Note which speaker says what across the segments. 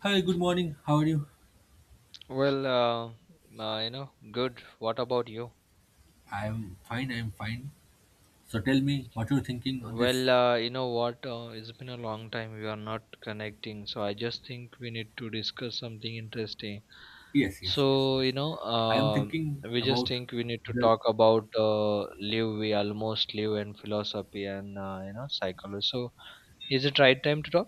Speaker 1: Hi, good morning. How are you?
Speaker 2: Well, good. What about you?
Speaker 1: I'm fine, I'm fine. So tell me what you're thinking on this.
Speaker 2: Well, you know what? It's been a long time we are not connecting, so I just think we need to discuss something interesting.
Speaker 1: Yes, yes, yes,
Speaker 2: So,
Speaker 1: yes. I am thinking
Speaker 2: we just
Speaker 1: about
Speaker 2: think we need to
Speaker 1: the.
Speaker 2: talk about live, we almost live, and philosophy and psychology. So, is it right time to talk?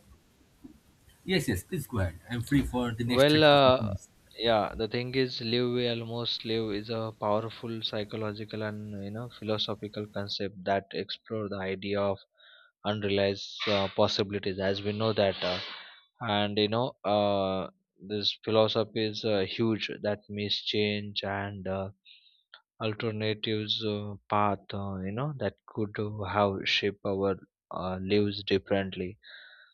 Speaker 1: Yes, yes, please go ahead. I'm free for the next
Speaker 2: Well,
Speaker 1: 30 to 40 minutes.
Speaker 2: yeah, the thing is, live well, most live is a powerful psychological and philosophical concept that explore the idea of unrealized possibilities, as we know that, and you know, uh, this philosophy is huge that means change and alternatives path, that could have shape our lives differently.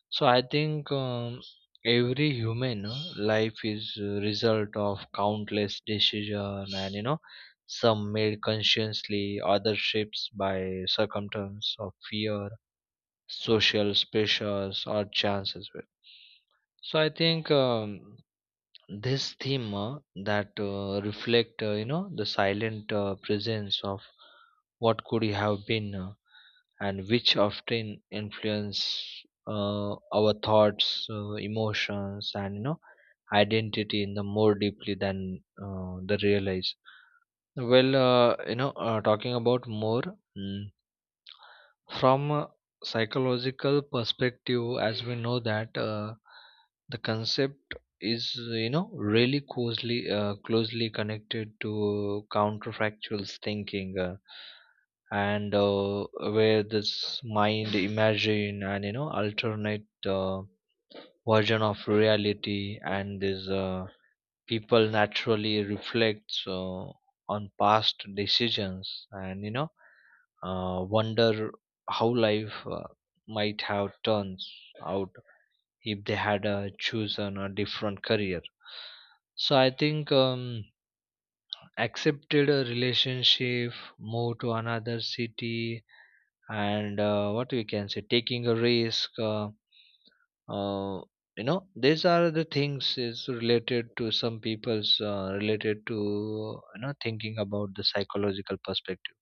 Speaker 2: So I think every human life is a result of countless decision, and some made consciously, others shaped by circumstance of fear, social pressures, or chance as well. So I think this theme that reflect the silent presence of what could have been and which often influence our thoughts emotions and identity in the more deeply than the realize. Well, talking about more, mm, from a psychological perspective, as we know that the concept is really closely connected to counterfactual thinking, and where this mind imagine and alternate uh, version of reality, and this, people naturally reflect on past decisions and wonder how life might have turned out if they had chosen a different career. So I think, accepted a relationship, moved to another city, and what we can say, taking a risk. Uh, these are the things is related to some people's, related to thinking about the psychological perspective.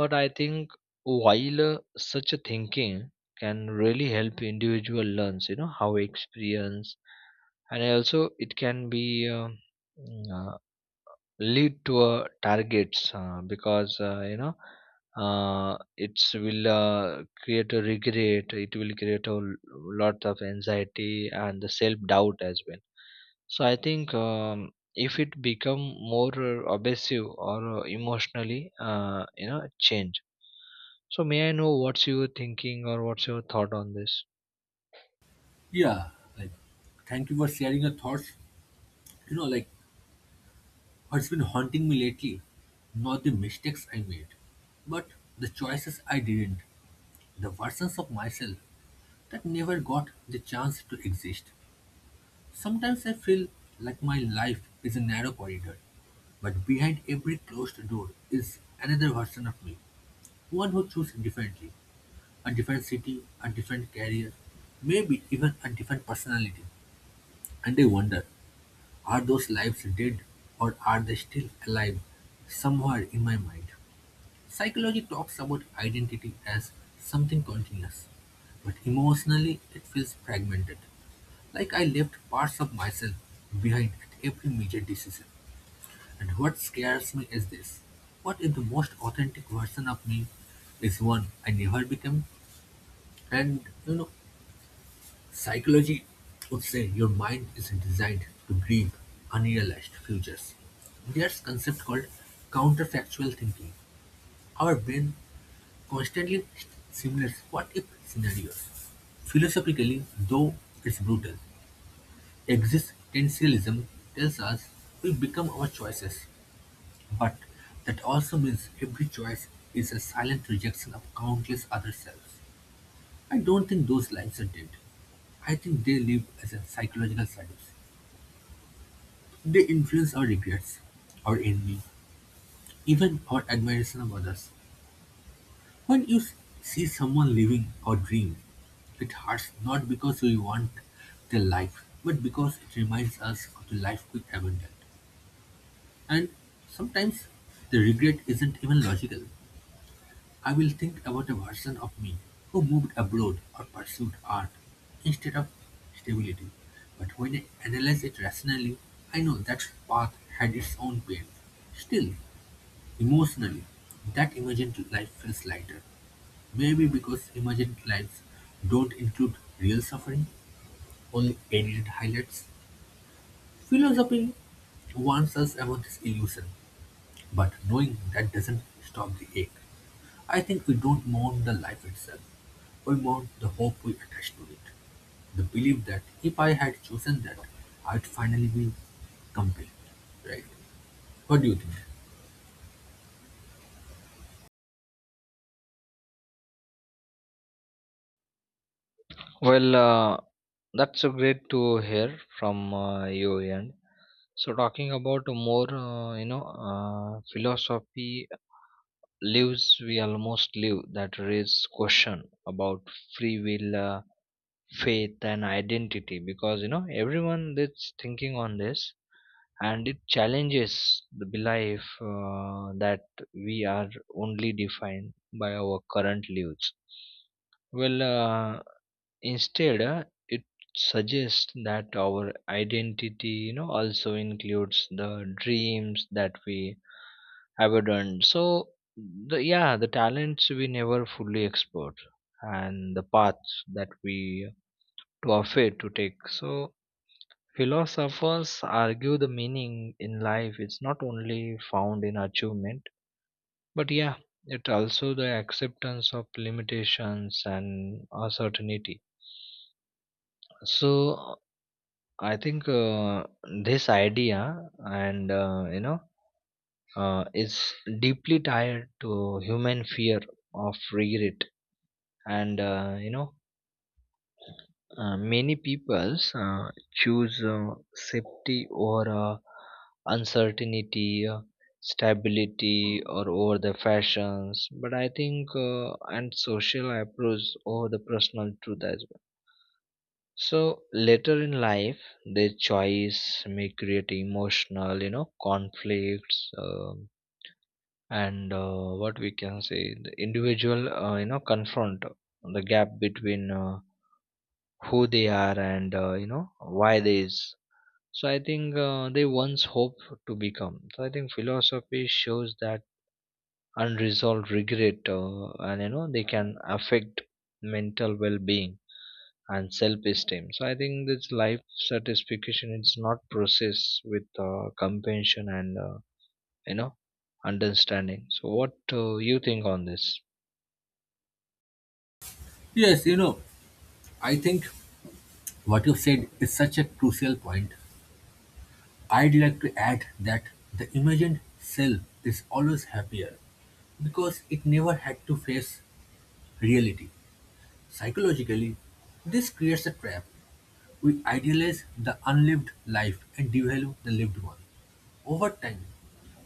Speaker 2: But I think while such a thinking can really help individual learns how experience, and also it can be mm, uh, lead to a targets because it's will create a regret, it will create a lot of anxiety and the self doubt as well. So I think, if it become more obsessive or emotionally change. So may I know what's your thinking or what's your thought on this?
Speaker 1: Yeah, like, thank you for sharing your thoughts. You know, like, what's been haunting me lately? Not the mistakes I made, but the choices I didn't, the versions of myself that never got the chance to exist. Sometimes I feel like my life is a narrow corridor, but behind every closed door is another version of me, one who chooses differently, a different city, a different career, maybe even a different personality. And I wonder, are those lives dead or are they still alive somewhere in my mind? Psychology talks about identity as something continuous, but emotionally it feels fragmented, like I left parts of myself behind at every major decision. And what scares me is this: what if the most authentic version of me is one I never became? And you know, psychology would say your mind is designed to grieve unrealized futures. There's concept called counterfactual thinking. Our brain constantly simulates what if scenarios. Philosophically, though it's brutal, existentialism tells us we become our choices. But that also means every choice is a silent rejection of countless other selves. I don't think those lives are dead. I think they live as a psychological service. They influence our regrets, our envy, even our admiration of others. When see someone living our dream, it hurts not because we want their life, but because it reminds us of the life we abandoned. And sometimes the regret isn't even logical. I will think about a version of me who moved abroad or pursued art instead of stability. But when I analyze it rationally, I know that path had its own pain. Still, emotionally, that imagined life feels lighter. Maybe because imagined lives don't include real suffering, only edited highlights. Philosophy warns us about this illusion, but knowing that doesn't stop the ache. I think we don't mourn the life itself. We mourn the hope we attach to it. The belief that if I had chosen that, I'd finally be complete. Right? What do you think?
Speaker 2: Well, that's a great to hear from you. And so, talking about more, philosophy lives we almost live that raise question about free will, faith, and identity because everyone is thinking on this, and it challenges the belief that we are only defined by our current lives. Well. Instead, it suggests that our identity, also includes the dreams that we abandoned. So, the yeah, the talents we never fully explored, and the paths that we were afraid to take. So, philosophers argue the meaning in life is not only found in achievement, but yeah, it also the acceptance of limitations and uncertainty. So I think this idea and is deeply tied to human fear of regret, and many peoples choose safety or uncertainty, stability, or over the fashions. But I think and social approach over the personal truth as well. So later in life, their choice may create emotional, conflicts, and what we can say, the individual, confront the gap between who they are and why they is. So I think they once hope to become. So I think philosophy shows that unresolved regret, they can affect mental well-being and self-esteem. So I think this life satisfaction is not processed with compassion and you know understanding. So what you think on this?
Speaker 1: Yes, I think what you said is such a crucial point. I'd like to add that the imagined self is always happier because it never had to face reality. Psychologically, this creates a trap. We idealize the unlived life and devalue the lived one. Over time,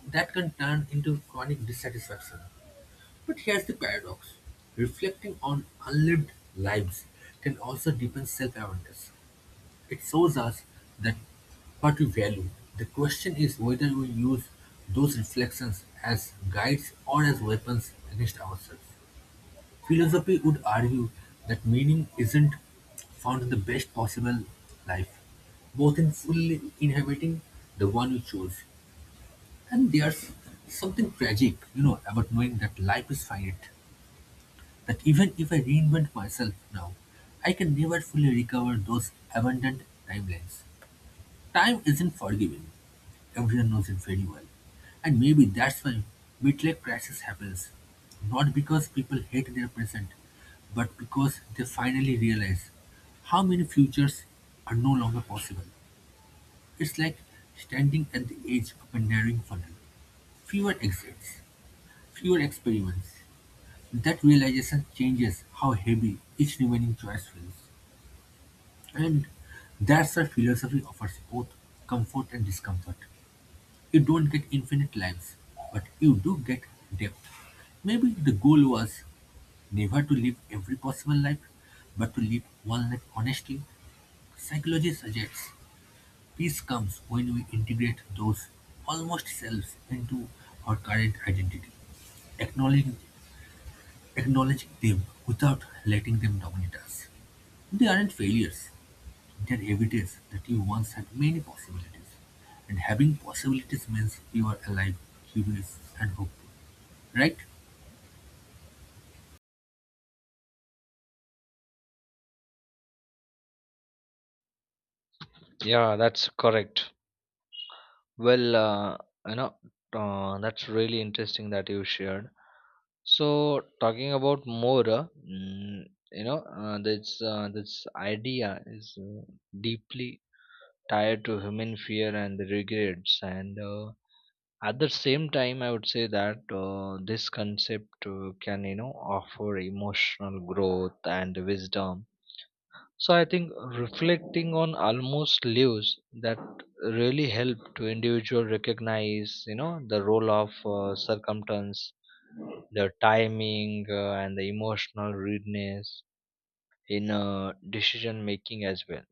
Speaker 1: that can turn into chronic dissatisfaction. But here's the paradox: reflecting on unlived lives can also deepen self awareness. It shows us that what we value. The question is whether we use those reflections as guides or as weapons against ourselves. Philosophy would argue that meaning isn't found in the best possible life, both in fully inhabiting the one you choose, and there's something tragic, about knowing that life is finite, that even if I reinvent myself now, I can never fully recover those abundant timelines. Time isn't forgiving. Everyone knows it very well. And maybe that's why midlife crisis happens. Not because people hate their present, but because they finally realize how many futures are no longer possible. It's like standing at the edge of a narrowing funnel. Fewer exits, fewer experiments. That realization changes how heavy each remaining choice feels. And that's why philosophy offers both comfort and discomfort. You don't get infinite lives, but you do get depth. Maybe the goal was never to live every possible life, but to live one life honestly. Psychology suggests peace comes when we integrate those almost selves into our current identity, acknowledging Acknowledging them without letting them dominate us. They aren't failures. They're evidence that you once had many possibilities. And having possibilities means you are alive, curious, and hopeful. Right?
Speaker 2: Yeah, that's correct. Well, you know that's really interesting that you shared. So talking about more, this idea is deeply tied to human fear and regrets and. At the same time I would say that this concept can offer emotional growth and wisdom. So I think reflecting on almost lives that really help to individual recognize the role of circumstance, the timing, and the emotional readiness in decision making as well.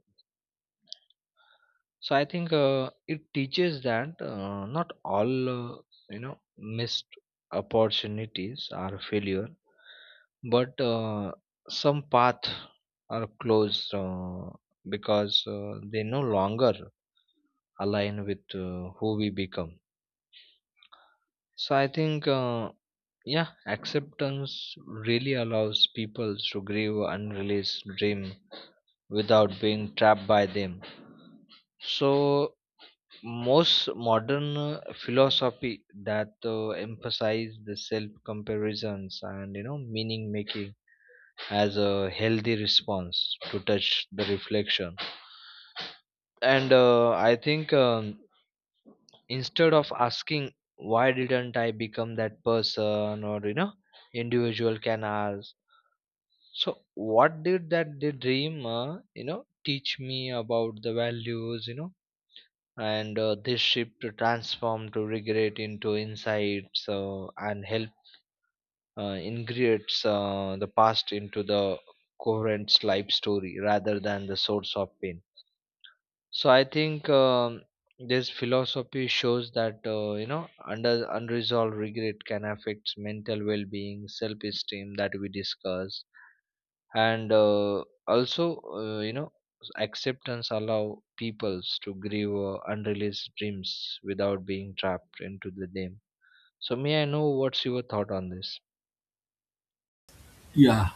Speaker 2: So I think it teaches that not all you know missed opportunities are a failure, but some paths are closed because they no longer align with who we become. So I think, yeah, acceptance really allows people to grieve unreleased dream without being trapped by them. So most modern philosophy that emphasize the self comparisons and meaning making as a healthy response to touch the reflection. And I think, instead of asking why didn't I become that person or individual can ask, so what did that the dream teach me about the values and this shift to transform to regret into insights, and help integrates the past into the coherent life story rather than the source of pain. So I think, this philosophy shows that under unresolved regret can affect mental well-being self-esteem that we discussed. And also acceptance allow peoples to grieve unrealized dreams without being trapped into the them. So may I know what's your thought on this?
Speaker 1: Yeah.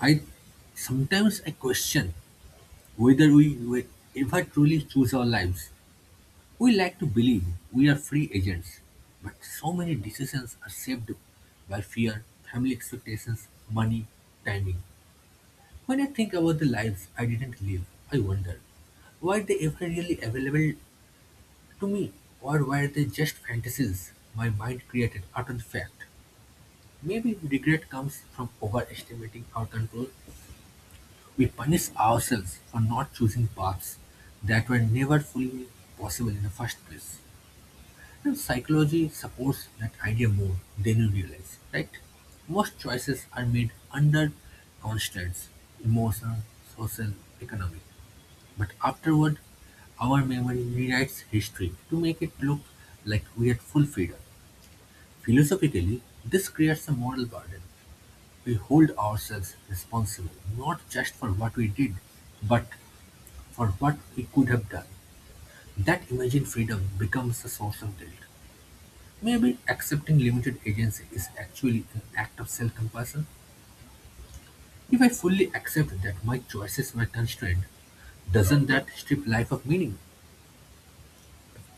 Speaker 1: I sometimes I question whether we will ever truly choose our lives. We like to believe we are free agents, but so many decisions are shaped by fear, family expectations, money, timing. When I think about the lives I didn't live, I wonder, were they ever really available to me, or were they just fantasies my mind created after the fact? Maybe regret comes from overestimating our control. We punish ourselves for not choosing paths that were never fully possible in the first place. And psychology supports that idea more than you realize, right? Most choices are made under constraints, emotional, social, economic. But afterward our memory rewrites history to make it look like we had full freedom. Philosophically, this creates a moral burden. We hold ourselves responsible not just for what we did, but for what we could have done. That imagined freedom becomes a source of guilt. Maybe accepting limited agency is actually an act of self compassion. If I fully accept that my choices were constrained, doesn't that strip life of meaning?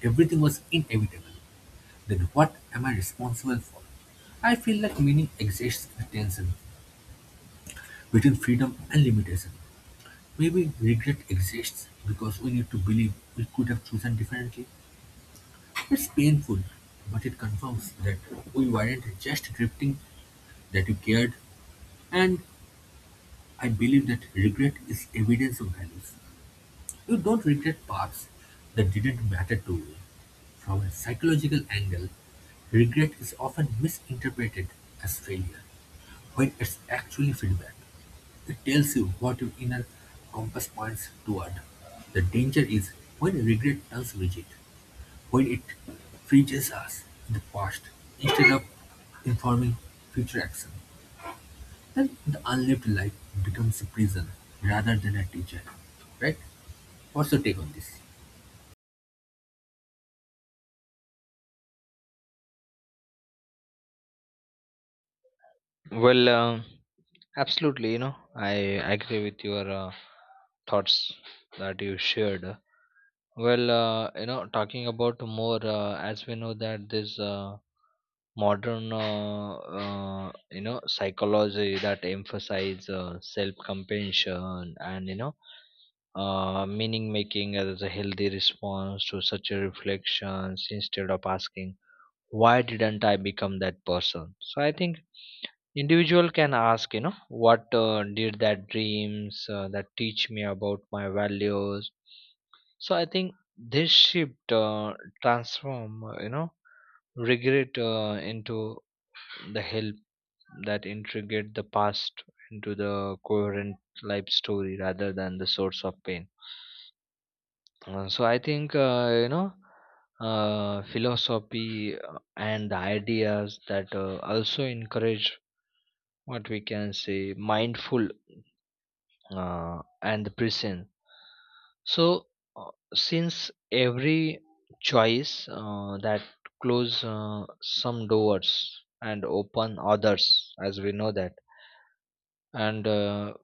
Speaker 1: Everything was inevitable. Then what am I responsible for? I feel like meaning exists in a tension between freedom and limitation. Maybe regret exists because we need to believe we could have chosen differently. It's painful, but it confirms that we weren't just drifting, that you cared, and I believe that regret is evidence of values. You don't regret paths that didn't matter to you. From a psychological angle, regret is often misinterpreted as failure. When it's actually feedback, it tells you what your inner compass points toward. The danger is when regret turns rigid, when it freezes us in the past instead of informing future action. Then the unlived life becomes a prison rather than a teacher. Right? What's your take on this?
Speaker 2: Well, absolutely, I agree with your thoughts that you shared. Well, talking about more, as we know that this modern psychology that emphasize self compassion and meaning making as a healthy response to such a reflections, instead of asking why didn't I become that person. So I think individual can ask, what did that dreams that teach me about my values. So I think this shift transform regret into the help that integrate the past into the coherent life story rather than the source of pain. So I think philosophy and the ideas that also encourage what we can say mindful and the present. So since every choice that close some doors and open others, as we know that, and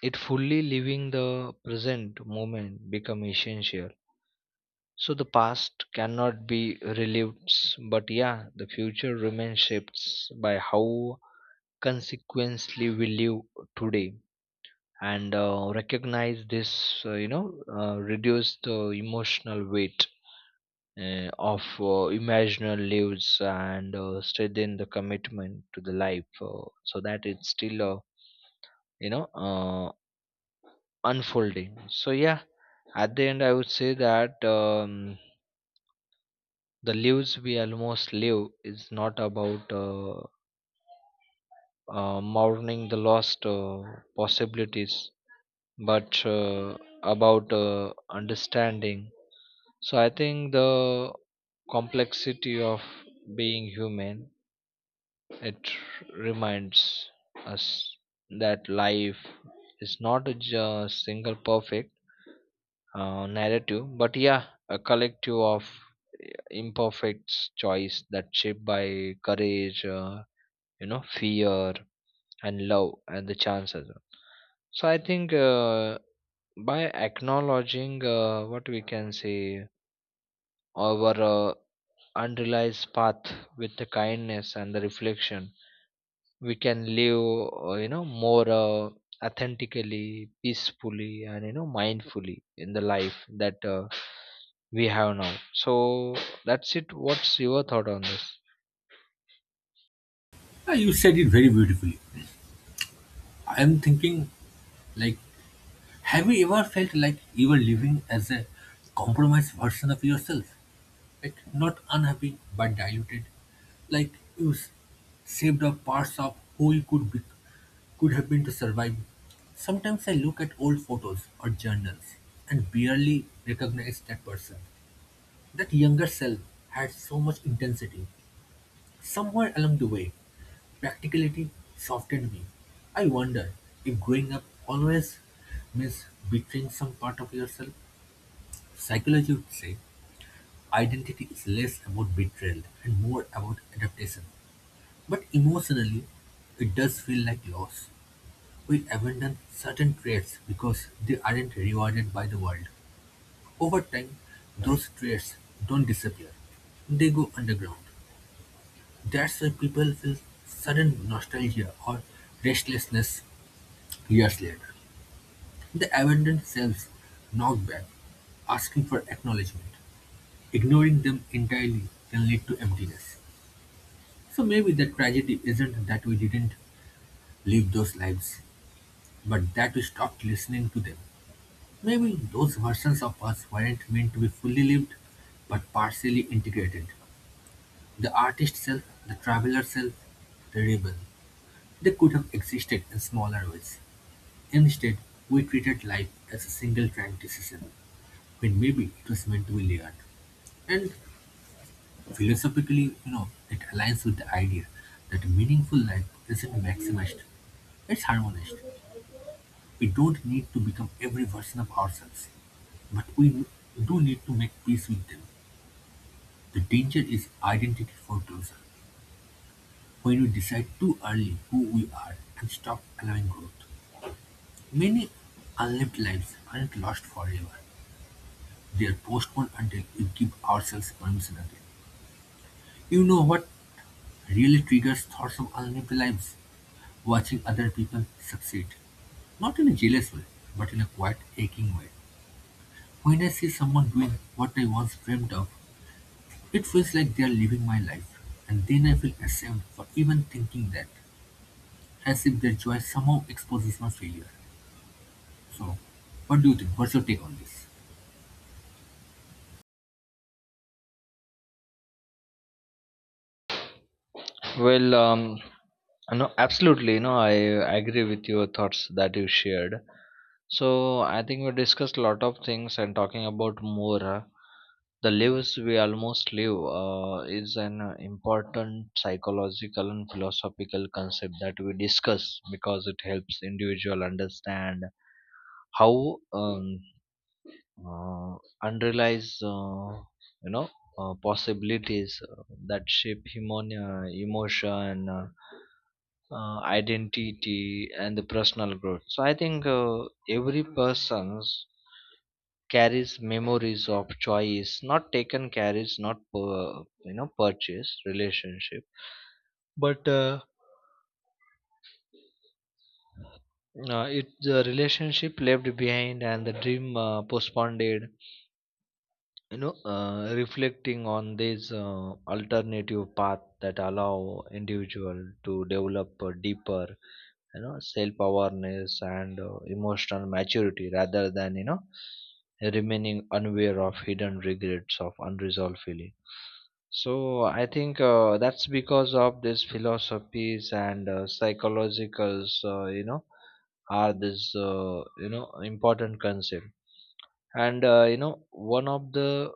Speaker 2: it fully living the present moment become essential. So the past cannot be relived, but yeah, the future remains shaped by how consequently we live today, and recognize this reduce the emotional weight of imaginal lives and strengthen the commitment to the life, so that it's still you know uh, unfolding. So yeah, at the end, I would say that the lives we almost live is not about mourning the lost possibilities, but about understanding. So I think the complexity of being human, it reminds us that life is not a single perfect narrative, but yeah, a collective of imperfect choice that shaped by courage, fear and love and the chances. So I think by acknowledging what we can say our unrealized path with the kindness and the reflection, we can live more authentically, peacefully and mindfully in the life that we have now. So that's it, what's your thought on this?
Speaker 1: Ah, you said it very beautifully. I am thinking, like, have you ever felt like you were living as a compromised version of yourself? It not unhappy but diluted, like ooze, saved up parts of who you could be, could have been to survive. Sometimes I look at old photos or journals and barely recognize that person. That younger self had so much intensity. Somewhere along the way, practicality softened me. I wonder if growing up always means betraying some part of yourself. Psychology would say identity is less about betrayal and more about adaptation. But emotionally, it does feel like loss. We abandon certain traits because they aren't rewarded by the world. Over time, those traits don't disappear, they go underground. That's why people feel sudden nostalgia or restlessness years later. The abandoned selves knock back, asking for acknowledgement. Ignoring them entirely can lead to emptiness. So maybe the tragedy isn't that we didn't live those lives, but that we stopped listening to them. Maybe those versions of us weren't meant to be fully lived, but partially integrated. The artist self, the traveler self, the rebel. They could have existed in smaller ways. Instead, we treated life as a single track decision, when maybe it was meant to be layered. And philosophically, it aligns with the idea that a meaningful life isn't maximized, it's harmonized. We don't need to become every version of ourselves, but we do need to make peace with them. The danger is identity foreclosure, when we decide too early who we are and stop allowing growth. Many unlived lives aren't lost forever. They are postponed until we give ourselves permission again. You know what really triggers thoughts of unlived lives? Watching other people succeed. Not in a jealous way, but in a quiet, aching way. When I see someone doing what I once dreamed of, it feels like they're living my life, and then I feel ashamed for even thinking that, as if their joy somehow exposes my failure. So, what do you think? What's your take on this?
Speaker 2: Well, no, absolutely. No, I agree with your thoughts that you shared. So I think we discussed a lot of things and talking about more. The lives we almost live is an important psychological and philosophical concept that we discuss because it helps individual understand how uh, unrealized you know possibilities that shape human emotion identity and the personal growth. So I think every person carries memories of choice not taken, carries not per, you know purchase relationship, but it the relationship left behind and the dream postponed. Reflecting on this alternative path that allow individual to develop a deeper self awareness and emotional maturity rather than remaining unaware of hidden regrets of unresolved feeling. So I think that's because of these philosophies and psychologicals are this important concept. And one of the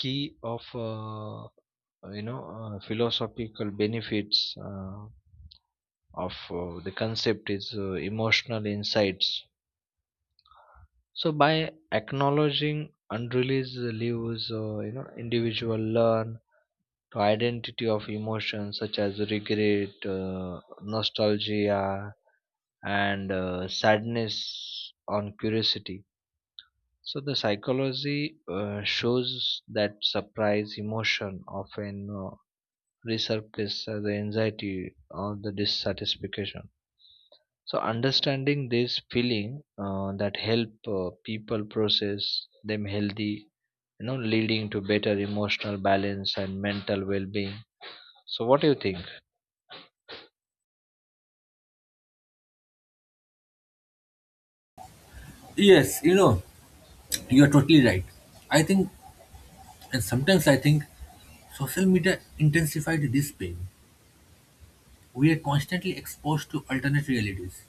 Speaker 2: key of philosophical benefits of the concept is emotional insights. So by acknowledging unreleased leaves, individual learn to identity of emotions such as regret nostalgia and sadness on curiosity. So the psychology shows that surprise emotion often resurface the anxiety or the dissatisfaction. So understanding this feeling that help people process them healthy, leading to better emotional balance and mental well-being. So what do you think?
Speaker 1: Yes, you are totally right. I think, and sometimes I think, social media intensified this pain. We are constantly exposed to alternate realities.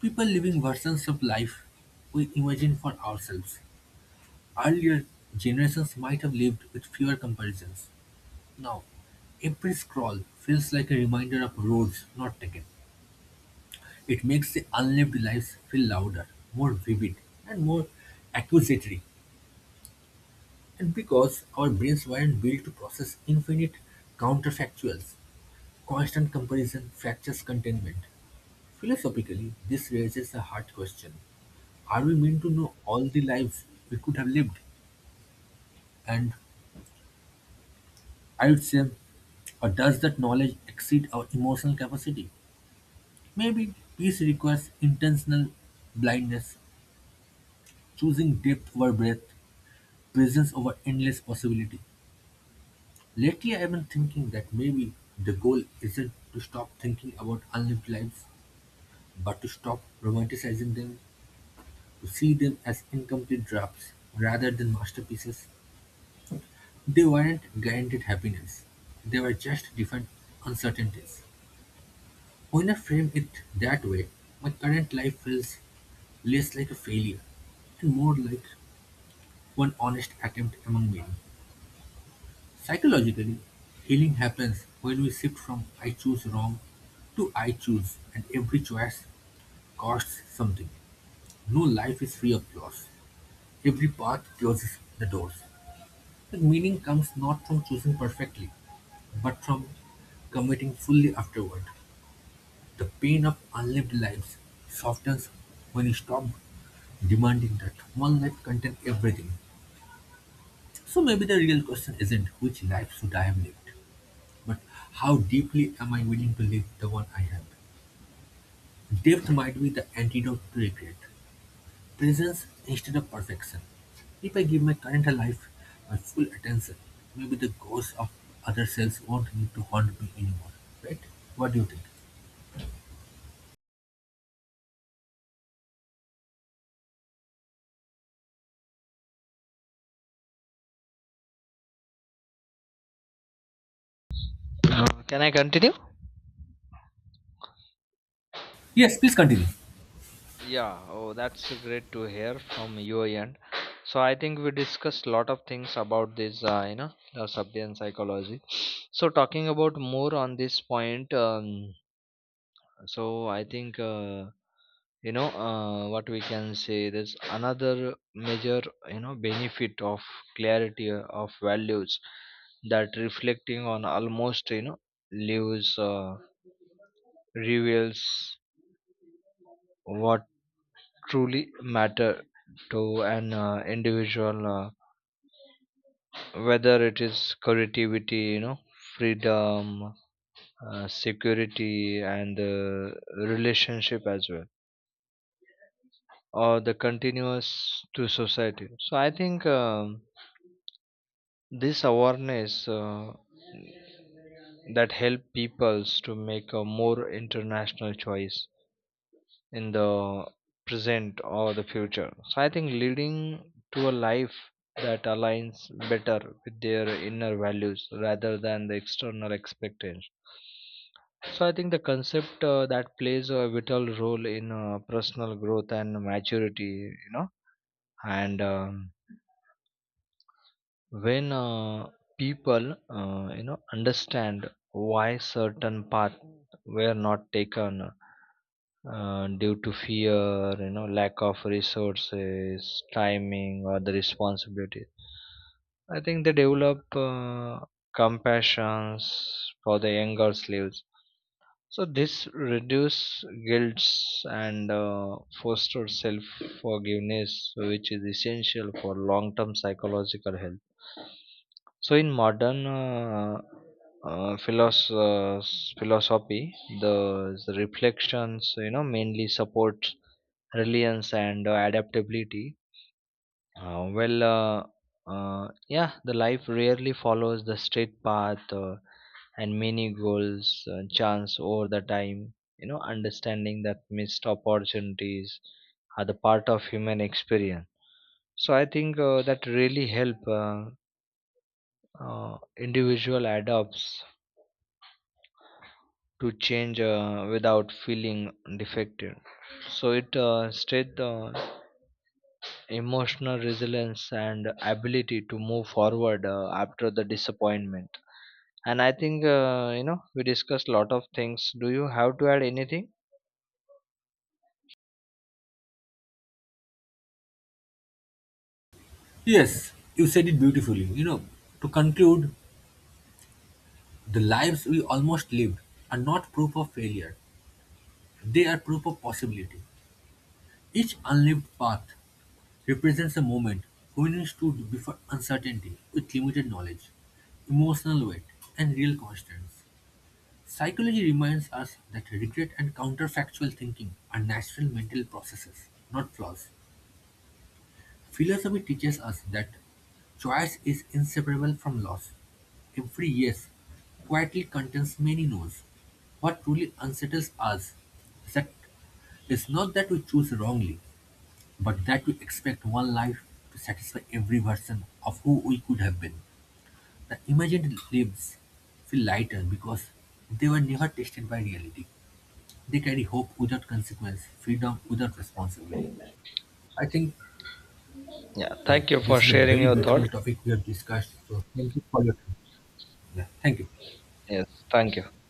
Speaker 1: People living versions of life we imagine for ourselves. Earlier, generations might have lived with fewer comparisons. Now, every scroll feels like a reminder of roads not taken. It makes the unlived lives feel louder, more vivid, and more accusatory. And because our brains weren't built to process infinite counterfactuals, constant comparison fractures contentment. Philosophically, this raises a hard question. Are we meant to know all the lives we could have lived? And I would say, or does that knowledge exceed our emotional capacity? Maybe peace requires intentional blindness, choosing depth over breadth, presence over endless possibility. Lately, I've been thinking that maybe the goal isn't to stop thinking about unlived lives, but to stop romanticizing them, to see them as incomplete drafts rather than masterpieces. They weren't guaranteed happiness, they were just different uncertainties. When I frame it that way, my current life feels less like a failure and more like one honest attempt among many. Psychologically, healing happens when we shift from I choose wrong to I choose, and every choice costs something. No life is free of loss. Every path closes the doors. The meaning comes not from choosing perfectly, but from committing fully afterward. The pain of unlived lives softens when you stop demanding that one life contain everything. So maybe the real question isn't which life should I have lived, but how deeply am I willing to live the one I have? Depth might be the antidote to regret. Presence instead of perfection. If I give my current life my full attention, maybe the ghosts of other selves won't need to haunt me anymore. Right? What do you think?
Speaker 2: Can I continue?
Speaker 1: Yes, please continue.
Speaker 2: Yeah, oh, that's great to hear from your end. So I think we discussed a lot of things about this, the subject psychology. So talking about more on this point, So I think what we can say. There's another major benefit of clarity of values that reflecting on almost leaves reveals what truly matter to an individual, whether it is creativity, freedom, security and relationship as well, or the continuous to society. So I think, this awareness that help peoples to make a more international choice in the present or the future, so I think leading to a life that aligns better with their inner values rather than the external expectations. So I think the concept that plays a vital role in personal growth and maturity, you know, and when people understand why certain paths were not taken due to fear, lack of resources, timing or the responsibility. I think they develop compassions for the younger slaves, so this reduce guilt and foster self forgiveness which is essential for long term psychological health. So in modern uh, philos- uh, philosophy, the the reflections mainly support reliance and adaptability. Well, yeah, the life rarely follows the straight path and many goals chance over the time. Understanding that missed opportunities are the part of human experience. So I think that really help. Individual adopts to change without feeling defective. So it strength emotional resilience and ability to move forward after the disappointment. And I think we discussed lot of things. Do you have to add anything?
Speaker 1: Yes, you said it beautifully. You know, to conclude, the lives we almost lived are not proof of failure, they are proof of possibility. Each unlived path represents a moment when we stood before uncertainty with limited knowledge, emotional weight, and real constraints. Psychology reminds us that regret and counterfactual thinking are natural mental processes, not flaws. Philosophy teaches us that choice is inseparable from loss. Every yes quietly contains many no's. What truly unsettles us is that it's not that we choose wrongly, but that we expect one life to satisfy every version of who we could have been. The imagined lives feel lighter because they were never tested by reality. They carry hope without consequence, freedom without responsibility. I think
Speaker 2: Yeah. Thank
Speaker 1: like
Speaker 2: you for
Speaker 1: this is a
Speaker 2: sharing
Speaker 1: very
Speaker 2: your
Speaker 1: beautiful
Speaker 2: thoughts.
Speaker 1: topic we have discussed. So thank you for your time. Yeah, thank you.
Speaker 2: Yes. Thank you.